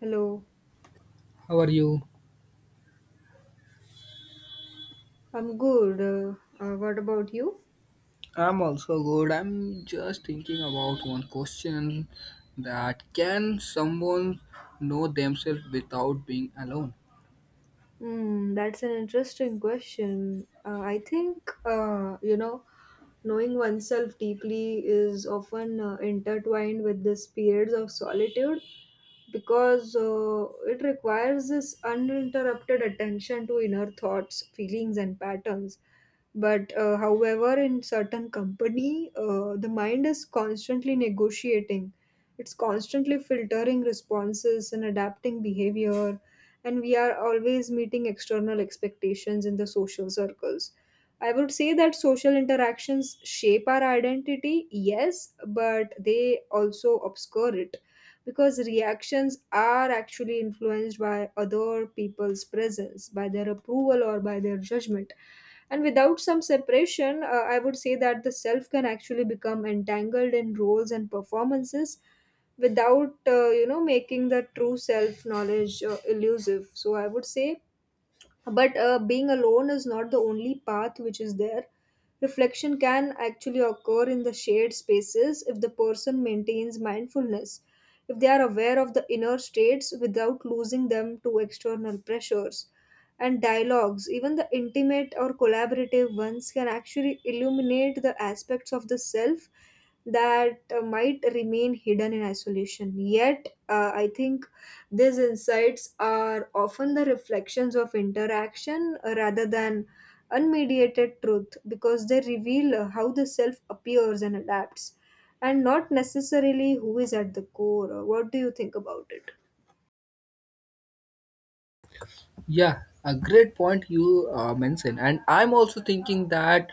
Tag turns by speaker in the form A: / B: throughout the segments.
A: Hello,
B: How are you?
A: I'm good. What about you?
B: I'm also good. I'm just thinking about one question that can someone know themselves without being alone?
A: Hmm, that's an interesting question. I think, uh, you know, knowing oneself deeply is often intertwined with these periods of solitude because it requires this uninterrupted attention to inner thoughts, feelings, and patterns. But however, in certain company, the mind is constantly negotiating. It's constantly filtering responses and adapting behavior, and we are always meeting external expectations in the social circles. I would say that social interactions shape our identity, yes, but they also obscure it because reactions are actually influenced by other people's presence, by their approval or by their judgment. And without some separation, I would say that the self can actually become entangled in roles and performances without making the true self knowledge elusive, so I would say, but being alone is not the only path which is there. Reflection can actually occur in the shared spaces if the person maintains mindfulness, if they are aware of the inner states without losing them to external pressures. And dialogues, even the intimate or collaborative ones, can actually illuminate the aspects of the self that might remain hidden in isolation. Yet, I think these insights are often the reflections of interaction, rather than unmediated truth because they reveal how the self appears and adapts, and not necessarily who is at the core. What do you think about it?
B: Yeah, a great point you mentioned, and I'm also thinking that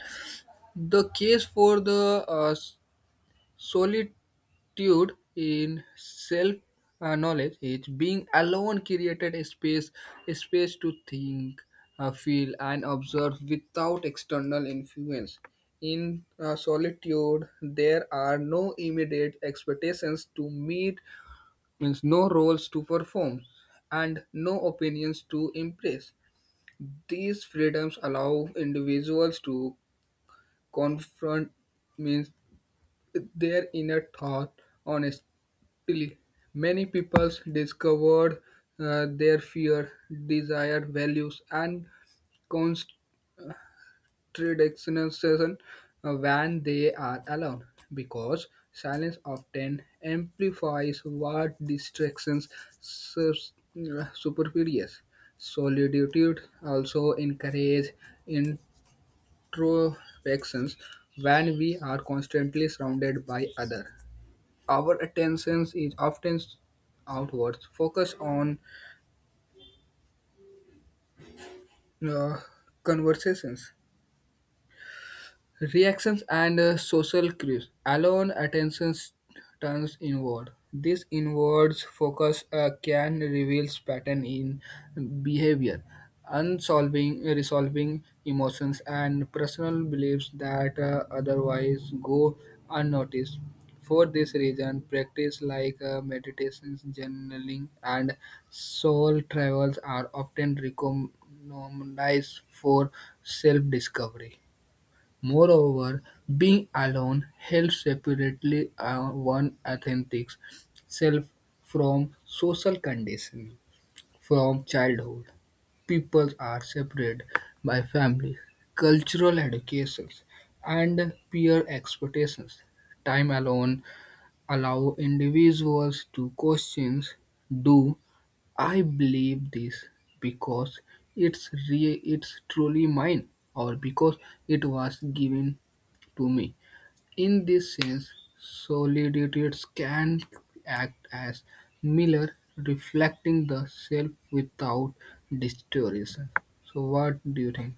B: the case for the solitude in self knowledge is being alone created a space, a space to think, feel and observe without external influence. In solitude there are no immediate expectations to meet, means no roles to perform and no opinions to impress. These freedoms allow individuals to confront, means their inner thought on. Really, many people discovered their fear, desire, values, and contradictions when they are alone, because silence often amplifies what distractions superfluous. Solitude also encourages introspections. When we are constantly surrounded by others, our attention is often outwards, focused on uh, conversations, reactions and social cues. Alone, turns inward. This inwards focus can reveal pattern in behavior, unsolving, resolving emotions and personal beliefs that otherwise go unnoticed. For this reason, practice like meditations, journaling, and soul travels are often recognized for self-discovery. Moreover, being alone helps separately, one authentic self from social conditioning. From childhood, people are separated by family, cultural educations, and peer expectations. Time alone allow individuals to question, do I believe this because it's truly mine, or because it was given to me? In this sense, solitudes can act as mirror reflecting the self without distortion. So, what do you think?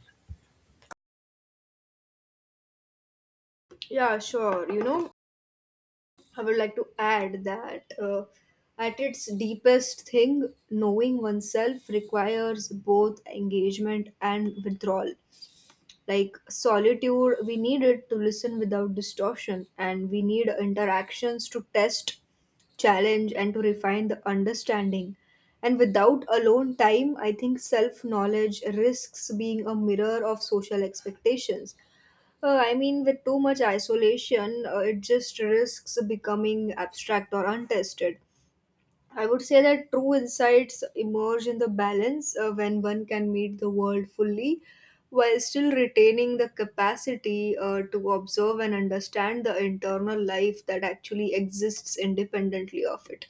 A: Yeah, sure. You know, I would like to add that, at its deepest thing, knowing oneself requires both engagement and withdrawal. Like solitude, we need it to listen without distortion, and we need interactions to test, challenge, and to refine the understanding. And without alone time, I think self knowledge risks being a mirror of social expectations. I mean, with too much isolation, it just risks becoming abstract or untested. I would say that true insights emerge in the balance when one can meet the world fully while still retaining the capacity to observe and understand the internal life that actually exists independently of it.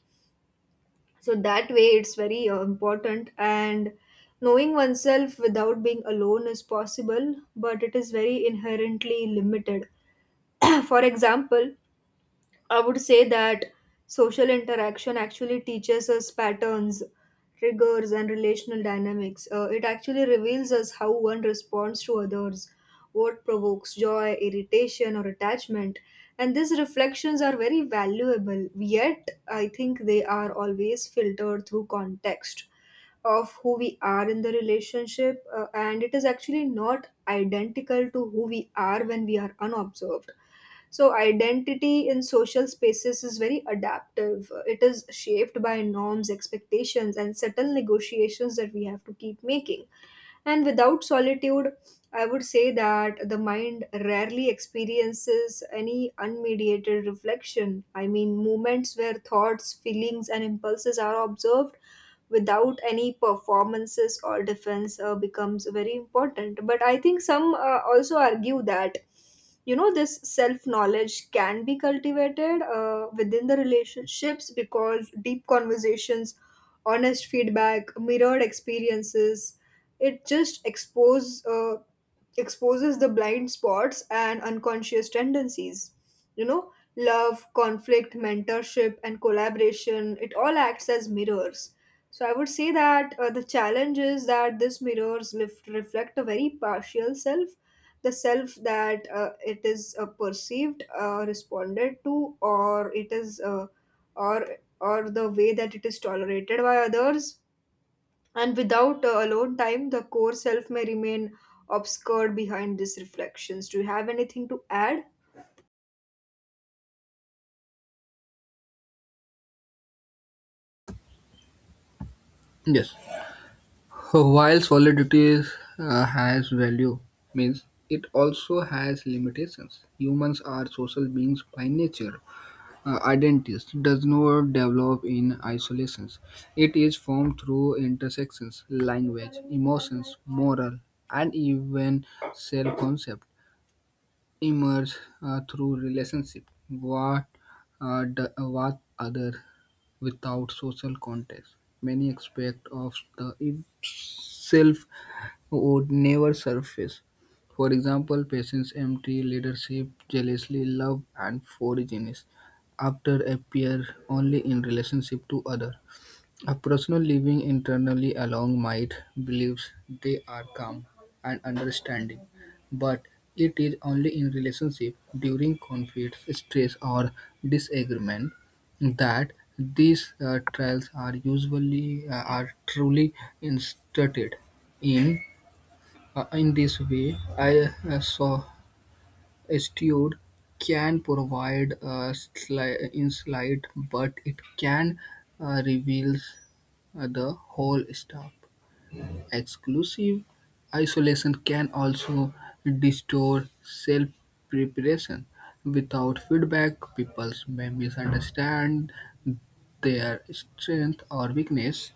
A: So that way, it's very important. And knowing oneself without being alone is possible, but it is very inherently limited. For example, I would say that social interaction actually teaches us patterns, triggers, and relational dynamics. It actually reveals us how one responds to others, what provokes joy, irritation, or attachment. And these reflections are very valuable, yet, I think they are always filtered through context of who we are in the relationship, and it is actually not identical to who we are when we are unobserved. So, identity in social spaces is very adaptive. It is shaped by norms, expectations, and subtle negotiations that we have to keep making, and without solitude, I would say that the mind rarely experiences any unmediated reflection. I mean, moments where thoughts, feelings, and impulses are observed without any performances or defense becomes very important. But I think some also argue that, you know, this self knowledge can be cultivated within the relationships because deep conversations, honest feedback, mirrored experiences, it just exposes the blind spots and unconscious tendencies. You know, love, conflict, mentorship, and collaboration, it all acts as mirrors. So I would say that the challenge is that these mirrors reflect a very partial self, the self that it is, perceived, responded to, or it is, or or the way that it is tolerated by others. And without alone time, the core self may remain obscured behind these reflections. Do you have anything to add?
B: Yes. While solidity is, has value, means it also has limitations. Humans are social beings by nature. Identities does not develop in isolation. It is formed through intersections, language, emotions, moral, and even self-concept emerge through relationship. What other without social context? Many aspects of the self would never surface. For example, patience, empty leadership, jealousy, love, and foraginess after appear only in relationship to other. A person living internally along might believes they are calm and understanding, but it is only in relationship during conflict, stress, or disagreement that these trials are usually are truly instructed in, in this way, I saw Estude can provide a insight, but it can reveal the whole stuff. Exclusive isolation can also distort self preparation. Without feedback, people may misunderstand their strength or weakness.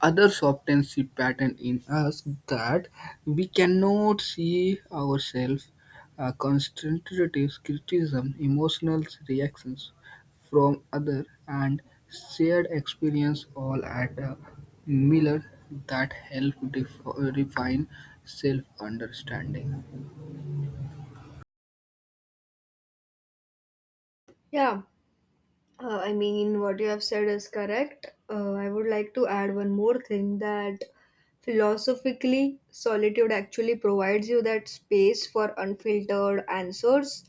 B: Others often see pattern in us that we cannot see ourselves. Constructive criticism, emotional reactions from other, and shared experience all at a mirror that help refine self-understanding.
A: Yeah, I mean, what you have said is correct. I would like to add one more thing, that philosophically, solitude actually provides you that space for unfiltered answers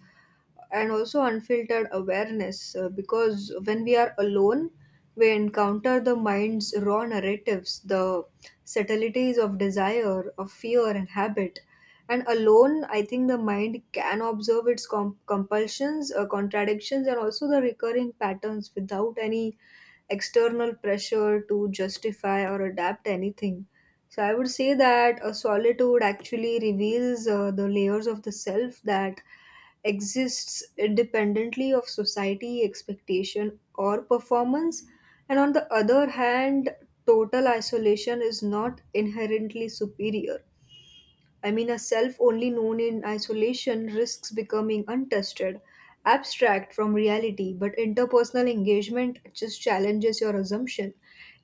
A: and also unfiltered awareness because when we are alone we encounter the mind's raw narratives, the subtleties of desire, of fear, and habit. And alone, I think the mind can observe its compulsions, contradictions, and also the recurring patterns without any external pressure to justify or adapt anything. So I would say that a solitude actually reveals the layers of the self that exists independently of society expectation or performance. And on the other hand, total isolation is not inherently superior. I mean, a self only known in isolation risks becoming untested, abstract from reality, but interpersonal engagement just challenges your assumption.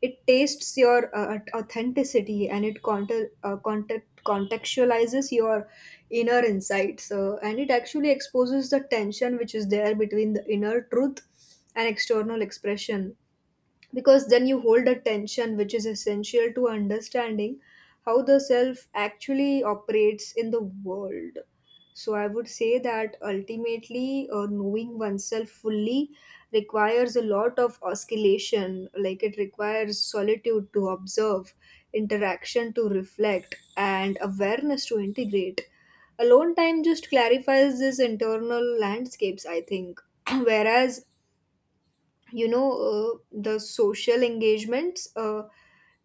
A: It tastes your authenticity, and it contextualizes your inner insights. And it actually exposes the tension which is there between the inner truth and external expression, because then you hold a tension which is essential to understanding how the self actually operates in the world. So, I would say that ultimately, knowing oneself fully requires a lot of oscillation. Like, it requires solitude to observe, interaction to reflect, and awareness to integrate. Alone time just clarifies these internal landscapes, I think. Whereas, you know, the social engagements,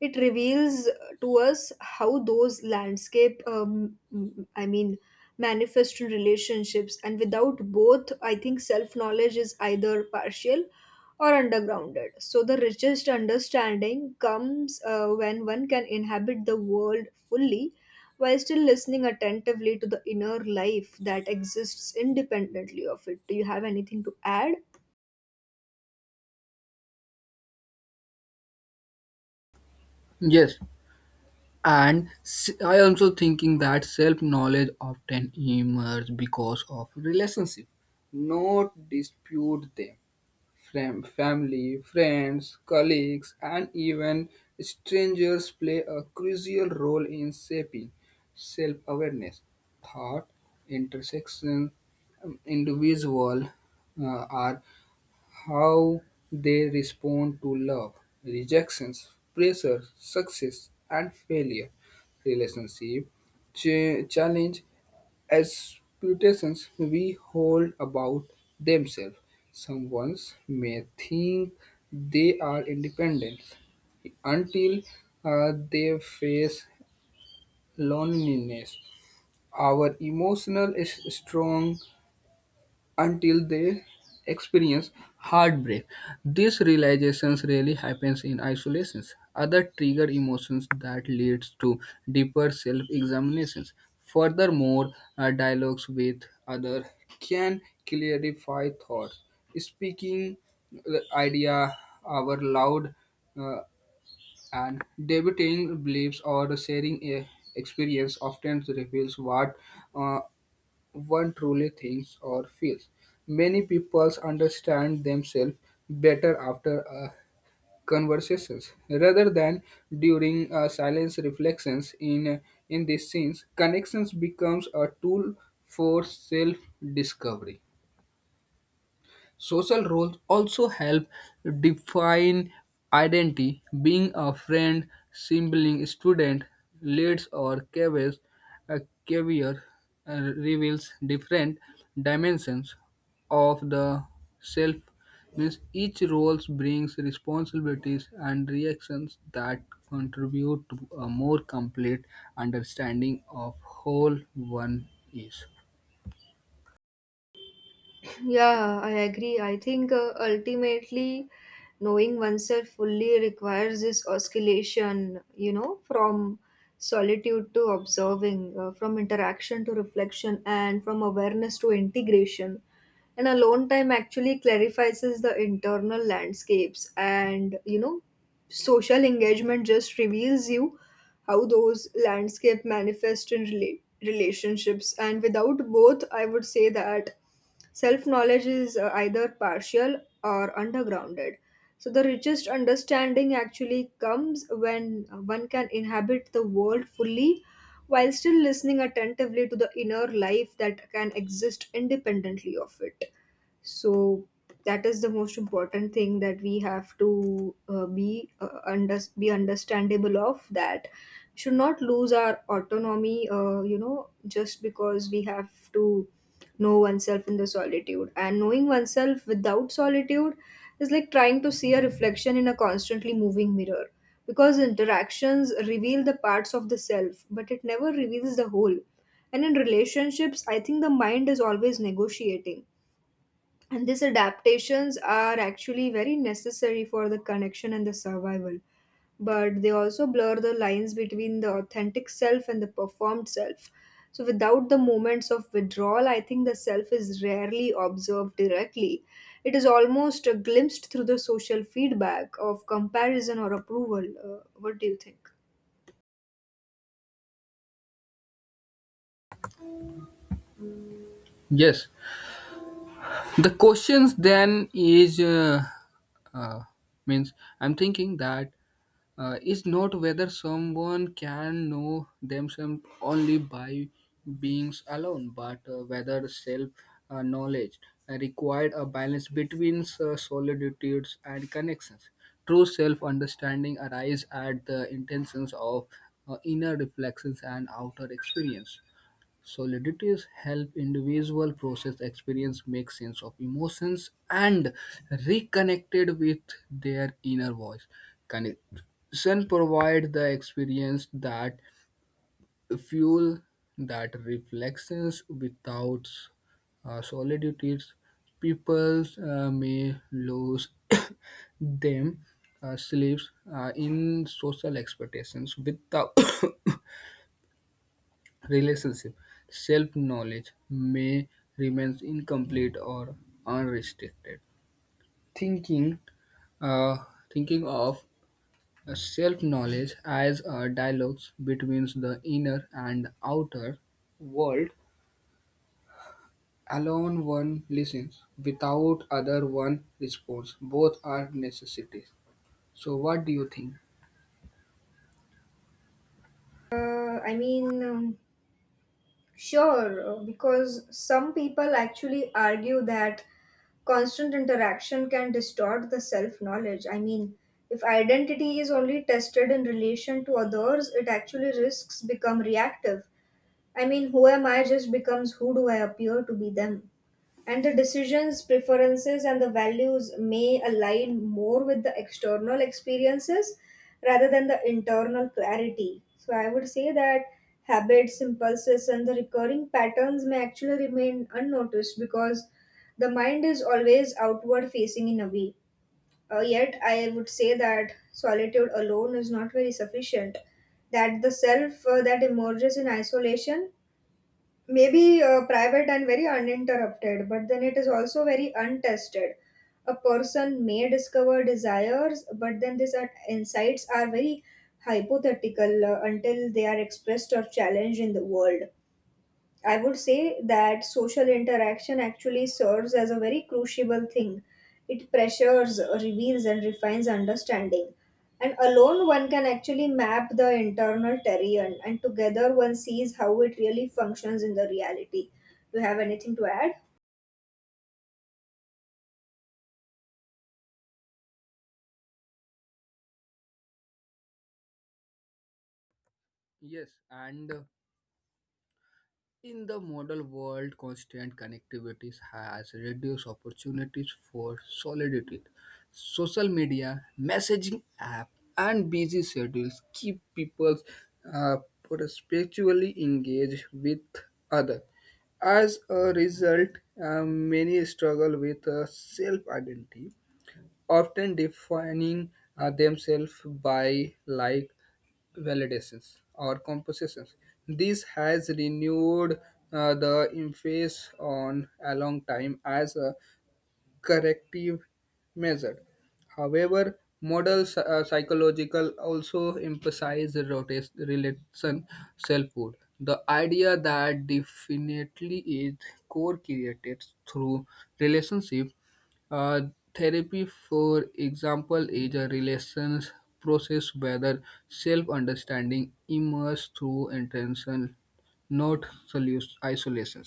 A: it reveals to us how those landscape I mean manifest in relationships. And without both, I think self knowledge is either partial or undergrounded, so the richest understanding comes when one can inhabit the world fully while still listening attentively to the inner life that exists independently of it. Do you have anything to add?
B: Yes, and I also thinking that self-knowledge often emerges because of relationship, not dispute them. Family, friends, colleagues, and even strangers play a crucial role in shaping self awareness. Thought intersections, individual are how they respond to love, rejections, pressure, success, and failure, relationship, challenge, aspirations we hold about themselves. Someone may think they are independent until they face loneliness. Our emotional is strong until they experience heartbreak. This realizations really happens in isolations. Other trigger emotions that leads to deeper self-examinations. Furthermore, dialogues with other can clarify thoughts. Speaking the idea our loud, uh, and debating beliefs or sharing a experience often reveals what uh, one truly thinks or feels. Many people understand themselves better after conversations rather than during silence reflections. In these scenes, connections becomes a tool for self discovery. Social roles also help define identity. Being a friend, sibling, student, leads or caves, a caviar reveals different dimensions of the self. Means each role brings responsibilities and reactions that contribute to a more complete understanding of whole one is.
A: Yeah, I agree. I think ultimately knowing oneself fully requires this oscillation, you know, from solitude to observing, from interaction to reflection, and from awareness to integration. And alone time actually clarifies the internal landscapes, and, you know, social engagement just reveals you how those landscape manifest in relationships. And without both, I would say that self knowledge is either partial or undergrounded. So, the richest understanding actually comes when one can inhabit the world fully while still listening attentively to the inner life that can exist independently of it. So, that is the most important thing, that we have to be understandable of, that should not lose our autonomy, you know, just because we have to know oneself in the solitude. And knowing oneself without solitude is like trying to see a reflection in a constantly moving mirror, because interactions reveal the parts of the self but it never reveals the whole. And in relationships, I think the mind is always negotiating, and these adaptations are actually very necessary for the connection and the survival, but they also blur the lines between the authentic self and the performed self. So, without the moments of withdrawal, I think the self is rarely observed directly. It is almost glimpsed through the social feedback of comparison or approval. What do you think?
B: Yes, the questions then is, uh, means I'm thinking that is not whether someone can know themselves only by beings alone, but whether self knowledge required a balance between solitudes and connections. True self understanding arises at the intentions of inner reflections and outer experience. Solidities help individual process experience, make sense of emotions, and reconnected with their inner voice. Connection provide the experience that fuel that reflections without solidities. People may lose them sleeps in social expectations without relationship. Self-knowledge may remain incomplete or unrestricted. Thinking, uh, thinking of self-knowledge as a dialogue between the inner and outer world. Alone one listens, without other one responds. Both are necessities. So, what do you think?
A: uh, i mean um, Sure, because some people actually argue that constant interaction can distort the self knowledge. I mean, if identity is only tested in relation to others, it actually risks become reactive. I mean, who am I just becomes who do I appear to be them, and the decisions, preferences, and the values may align more with the external experiences rather than the internal clarity. So, I would say that habits, impulses, and the recurring patterns may actually remain unnoticed because the mind is always outward facing in a way. Yet, I would say that solitude alone is not very sufficient. That the self that emerges in isolation maybe private and very uninterrupted, but then it is also very untested. A person may discover desires, but then insights are very hypothetical until they are expressed or challenged in the world. I would say that social interaction actually serves as a very crucible thing. It pressures, reveals, and refines understanding. And alone, one can actually map the internal terrain, and together, one sees how it really functions in the reality. Do you have anything to add?
B: Yes, and in the modern world, constant connectivity has reduced opportunities for solitude. Social media, messaging app, and busy schedules keep people uh, perpetually engaged with others. As a result, many struggle with self-identity, often defining themselves by like validations or compositions. This has renewed the emphasis on a long time as a corrective measure. However, modern psychological also emphasize relation selfhood, the idea that definitely is core created through relationship. Uh, Therapy, for example, is a relations process whether self-understanding emerges through intention, not isolation.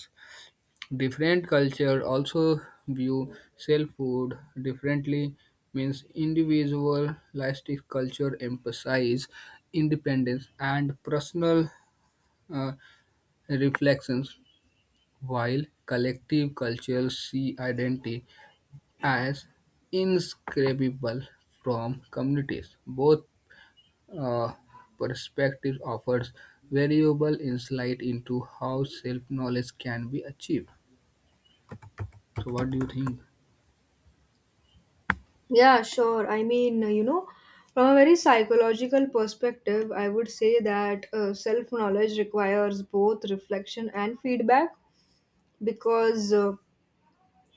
B: Different culture also view self-food differently, means individualistic culture emphasize independence and personal uh, reflections, while collective cultures see identity as inscribable from communities. Both uh, perspectives offers variable insight into how self-knowledge can be achieved. So what do you think?
A: Yeah, sure. I mean, you know, from a very psychological perspective, I would say that self knowledge requires both reflection and feedback because. Uh,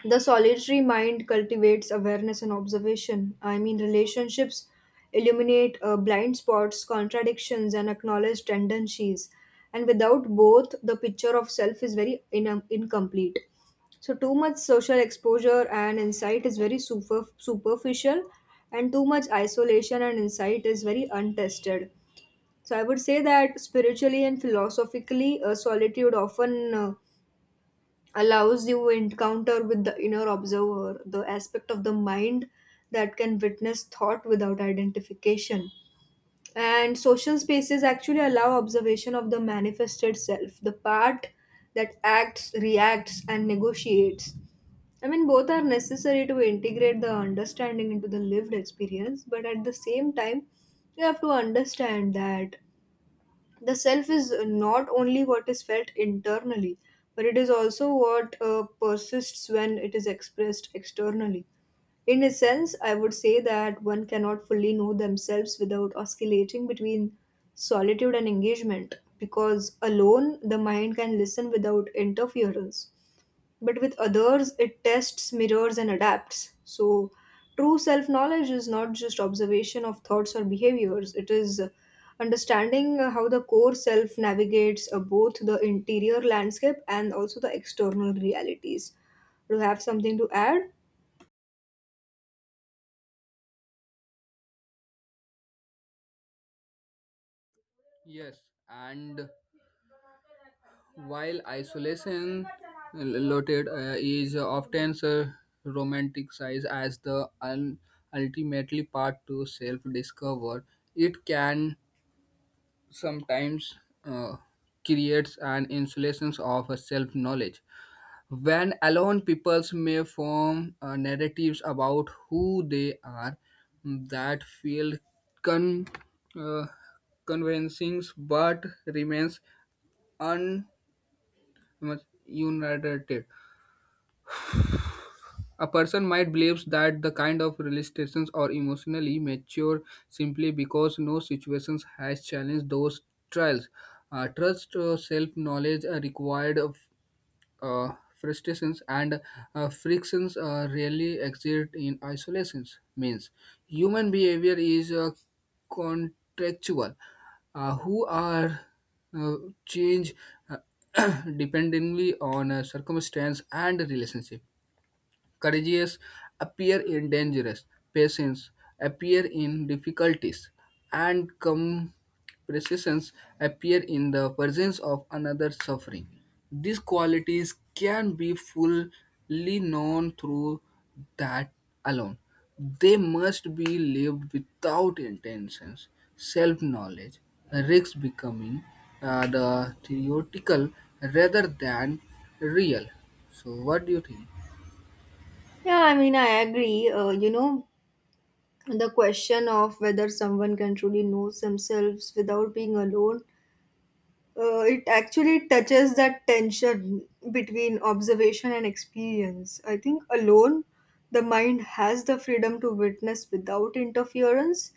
A: The solitary mind cultivates awareness and observation. I mean, relationships illuminate blind spots, contradictions, and acknowledge tendencies. And without both, the picture of self is very incomplete. So, too much social exposure and insight is very superficial, and too much isolation and insight is very untested. So, I would say that spiritually and philosophically, solitude often allows you encounter with the inner observer, the aspect of the mind that can witness thought without identification. And social spaces actually allow observation of the manifested self, the part that acts, reacts, and negotiates. I mean, both are necessary to integrate the understanding into the lived experience, but at the same time, you have to understand that the self is not only what is felt internally, but it is also what persists when it is expressed externally. In a sense, I would say that one cannot fully know themselves without oscillating between solitude and engagement, because alone the mind can listen without interference, but with others it tests, mirrors, and adapts. So true self knowledge is not just observation of thoughts or behaviors, it is understanding how the core self navigates both the interior landscape and also the external realities. Do you have something to add?
B: Yes, and while isolation loaded is often romanticized as the ultimately part to self-discover, it can sometimes uh, creates an insulation of self-knowledge. When alone, peoples may form narratives about who they are that feel con- uh, convincing but remains ununited. A person might believe that the kind of realizations are emotionally mature simply because no situations has challenged those trials. Trust self-knowledge are required frustrations and frictions rarely exist in isolations, means human behavior is contractual, who are uh, change, uh, dependently on circumstance and relationship. Courageous appear in dangerous, patience appear in difficulties, and compassion appear in the presence of another suffering. These qualities can be fully known through that alone. They must be lived. Without intentions, self knowledge risks becoming the theoretical rather than real. So, what do you think?
A: Yeah, I mean, I agree, the question of whether someone can truly know themselves without being alone, it actually touches that tension between observation and experience. I think alone, the mind has the freedom to witness without interference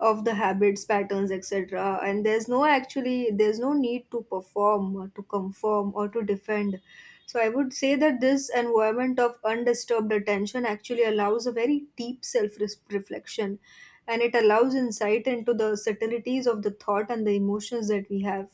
A: of the habits, patterns, etc. And there's no need to perform or to conform or to defend. So I would say that this environment of undisturbed attention actually allows a very deep self-reflection, and it allows insight into the subtleties of the thought and the emotions that we have.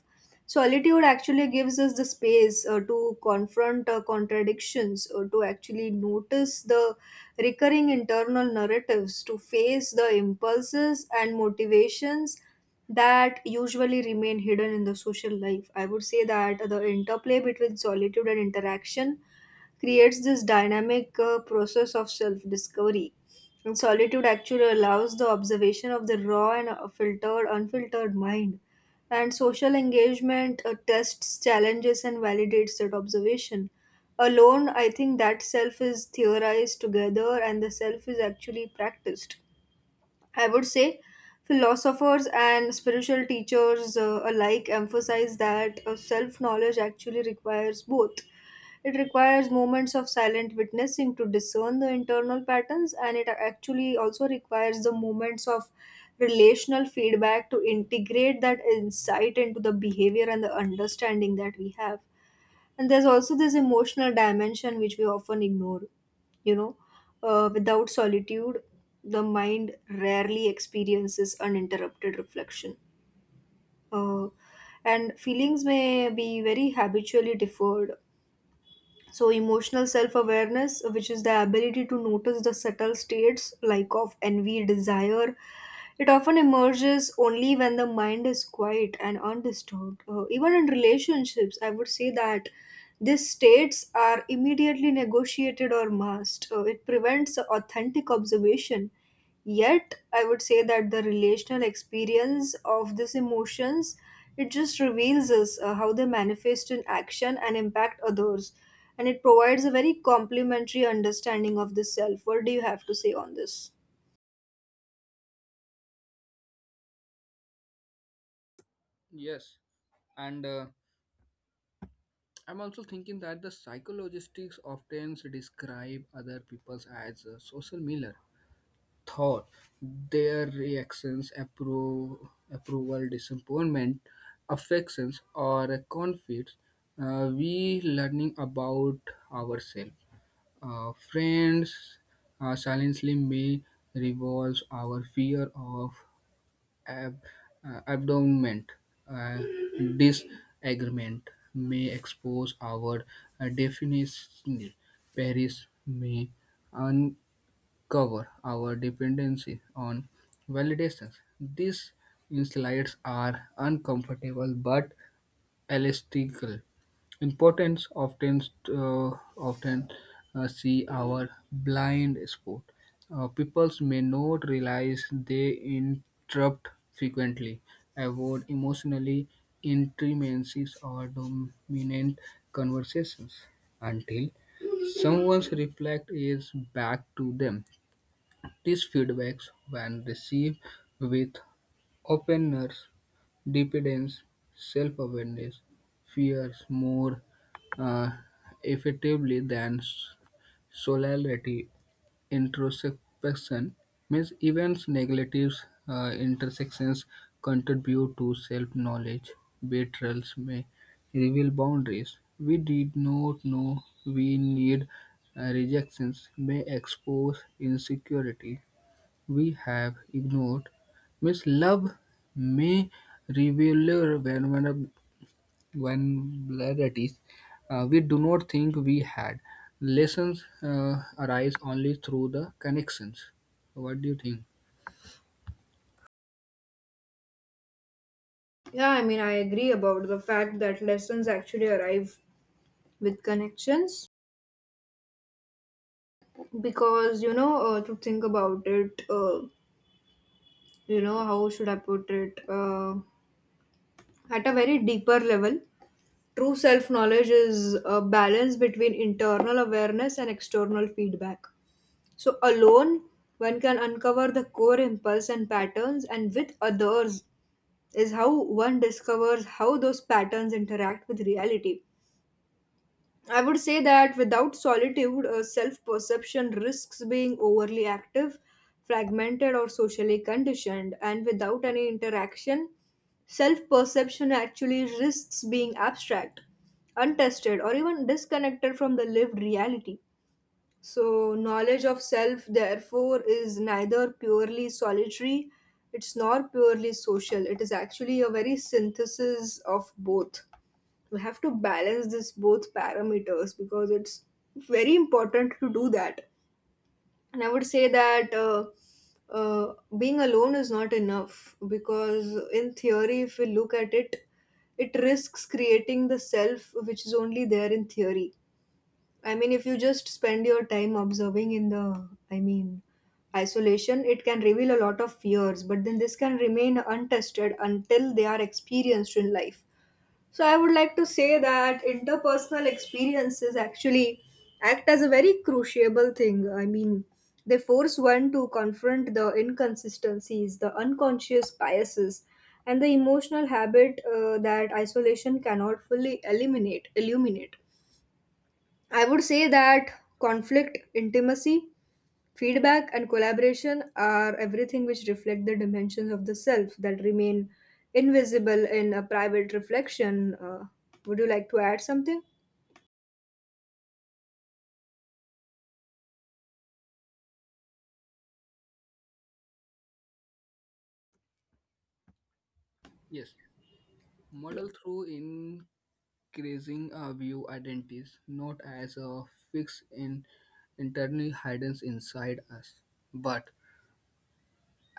A: Solitude actually gives us the space to confront contradictions, or to actually notice the recurring internal narratives, to face the impulses and motivations that usually remain hidden in the social life. I would say that the interplay between solitude and interaction creates this dynamic process of self discovery. And solitude actually allows the observation of the raw and unfiltered mind. And social engagement tests, challenges, and validates that observation. Alone, I think that self is theorized, together, and the self is actually practiced. I would say philosophers and spiritual teachers alike emphasize that self knowledge actually requires both. It requires moments of silent witnessing to discern the internal patterns, and it actually also requires the moments of relational feedback to integrate that insight into the behavior and the understanding that we have. And there's also this emotional dimension which we often ignore. You know, Without solitude, the mind rarely experiences uninterrupted reflection. Uh, and feelings may be very habitually deferred. So, emotional self awareness, which is the ability to notice the subtle states like of envy, desire, it often emerges only when the mind is quiet and undisturbed. Even in relationships, I would say that these states are immediately negotiated or masked. It prevents authentic observation. Yet I would say that the relational experience of these emotions, it just reveals us how they manifest in action and impact others, and it provides a very complementary understanding of the self. What do you have to say on this?
B: Yes, and I'm also thinking that the psychologists often describe other people as a social mirror. Thought, their reactions, approval, disappointment, affections, or conflicts, we learning about ourselves. Friends silently may revolve our fear of ab- abandonment. Uh, Disagreement may expose our definition. Paris may uncover our dependency on validations. These insights are uncomfortable but elastical importance uh, often see our blind spot. Peoples may not realize they interrupt frequently, avoid emotionally intimacies or dominant conversations until someone's reflect is back to them. These feedbacks, when received with openness, dependence, self-awareness, fears more uh, effectively than solidarity. Introspection means events, negatives, intersections contribute to self-knowledge. Betrayals may reveal boundaries we did not know we need. Rejections may expose insecurity we have ignored. Miss Love may reveal vulnerabilities we do not think we had. Lessons arise only through the connections. What do you think?
A: Yeah, I mean, I agree about the fact that lessons actually arrive with connections. Because to think about it, how should I put it, at a very deeper level, true self knowledge is a balance between internal awareness and external feedback. So, alone, one can uncover the core impulse and patterns, and with others is how one discovers how those patterns interact with reality. I would say that without solitude, self perception risks being overly active, fragmented, or socially conditioned. And without any interaction, self perception actually risks being abstract, untested, or even disconnected from the lived reality. So, knowledge of self, therefore, is neither purely solitary, it's not purely social. It is actually a very synthesis of both. We have to balance this both parameters, because it's very important to do that. And I would say that being alone is not enough, because in theory, if we look at it, it risks creating the self which is only there in theory. I mean, if you just spend your time observing in the, I mean, isolation, it can reveal a lot of fears, but then this can remain untested until they are experienced in life. So I would like to say that interpersonal experiences actually act as a very cruciable thing. I mean, they force one to confront the inconsistencies, the unconscious biases, and the emotional habit that isolation cannot fully eliminate. Illuminate. I would say that conflict, intimacy, feedback, and collaboration are everything which reflect the dimensions of the self that remain invisible in a private reflection. Would you like to add something?
B: Yes, model through increasing our view identities, not as a fixed in internally hidden inside us, but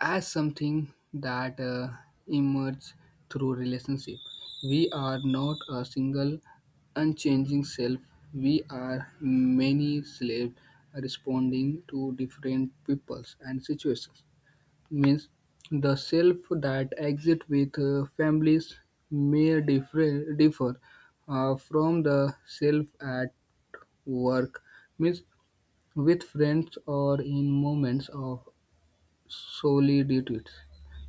B: as something that emerges through relationship. We are not a single unchanging self. We are many slaves responding to different peoples and situations. Means the self that exists with families may differ from the self at work, means with friends or in moments of solely due to it.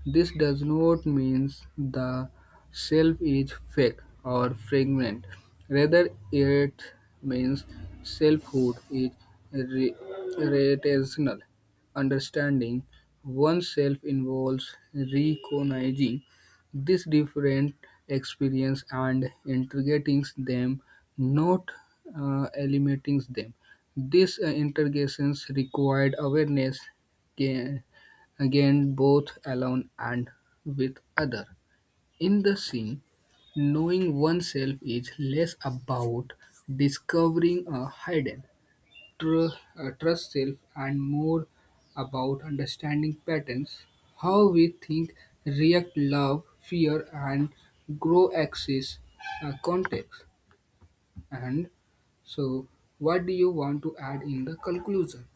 B: This does not mean the self is fake or fragment. Rather, it means selfhood is re- relational. Understanding oneself involves recognizing these different experience and integrating them, not eliminating them. These integrations required awareness, care, again both alone and with other. In the scene, knowing oneself is less about discovering a hidden trust self and more about understanding patterns, how we think, react, love, fear and grow axis context. And so, what do you want to add in the conclusion?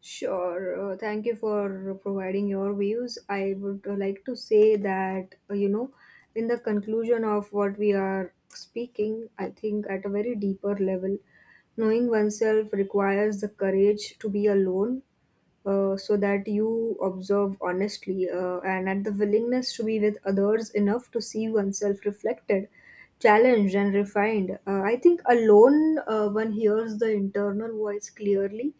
A: Sure. Thank you for providing your views. I would like to say that, in the conclusion of what we are speaking, I think at a very deeper level, knowing oneself requires the courage to be alone, so that you observe honestly, and at the willingness to be with others enough to see oneself reflected, challenged, and refined. I think alone, one hears the internal voice clearly,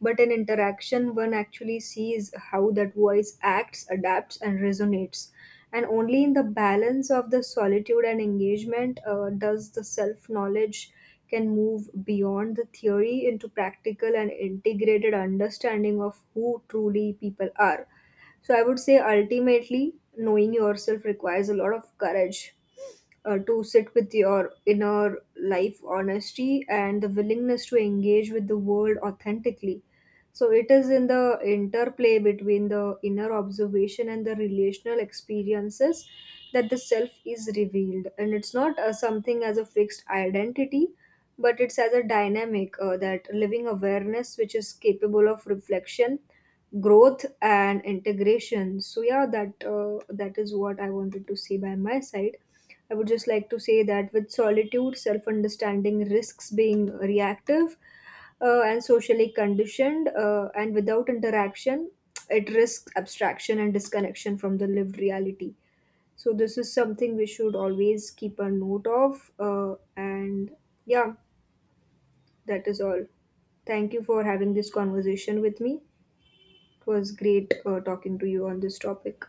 A: but in interaction one actually sees how that voice acts, adapts, and resonates. And only in the balance of the solitude and engagement, does the self knowledge can move beyond the theory into practical and integrated understanding of who truly people are. So I would say, ultimately, knowing yourself requires a lot of courage to sit with your inner life honesty, and the willingness to engage with the world authentically. So it is in the interplay between the inner observation and the relational experiences that the self is revealed. And it's not something as a fixed identity, but it's as a dynamic, that living awareness which is capable of reflection, growth and integration. So yeah, that is what I wanted to say by my side. I would just like to say that with solitude, self understanding risks being reactive and socially conditioned, and without interaction it risks abstraction and disconnection from the lived reality. So this is something we should always keep a note of, and yeah, that is all. Thank you for having this conversation with me. It was great talking to you on this topic.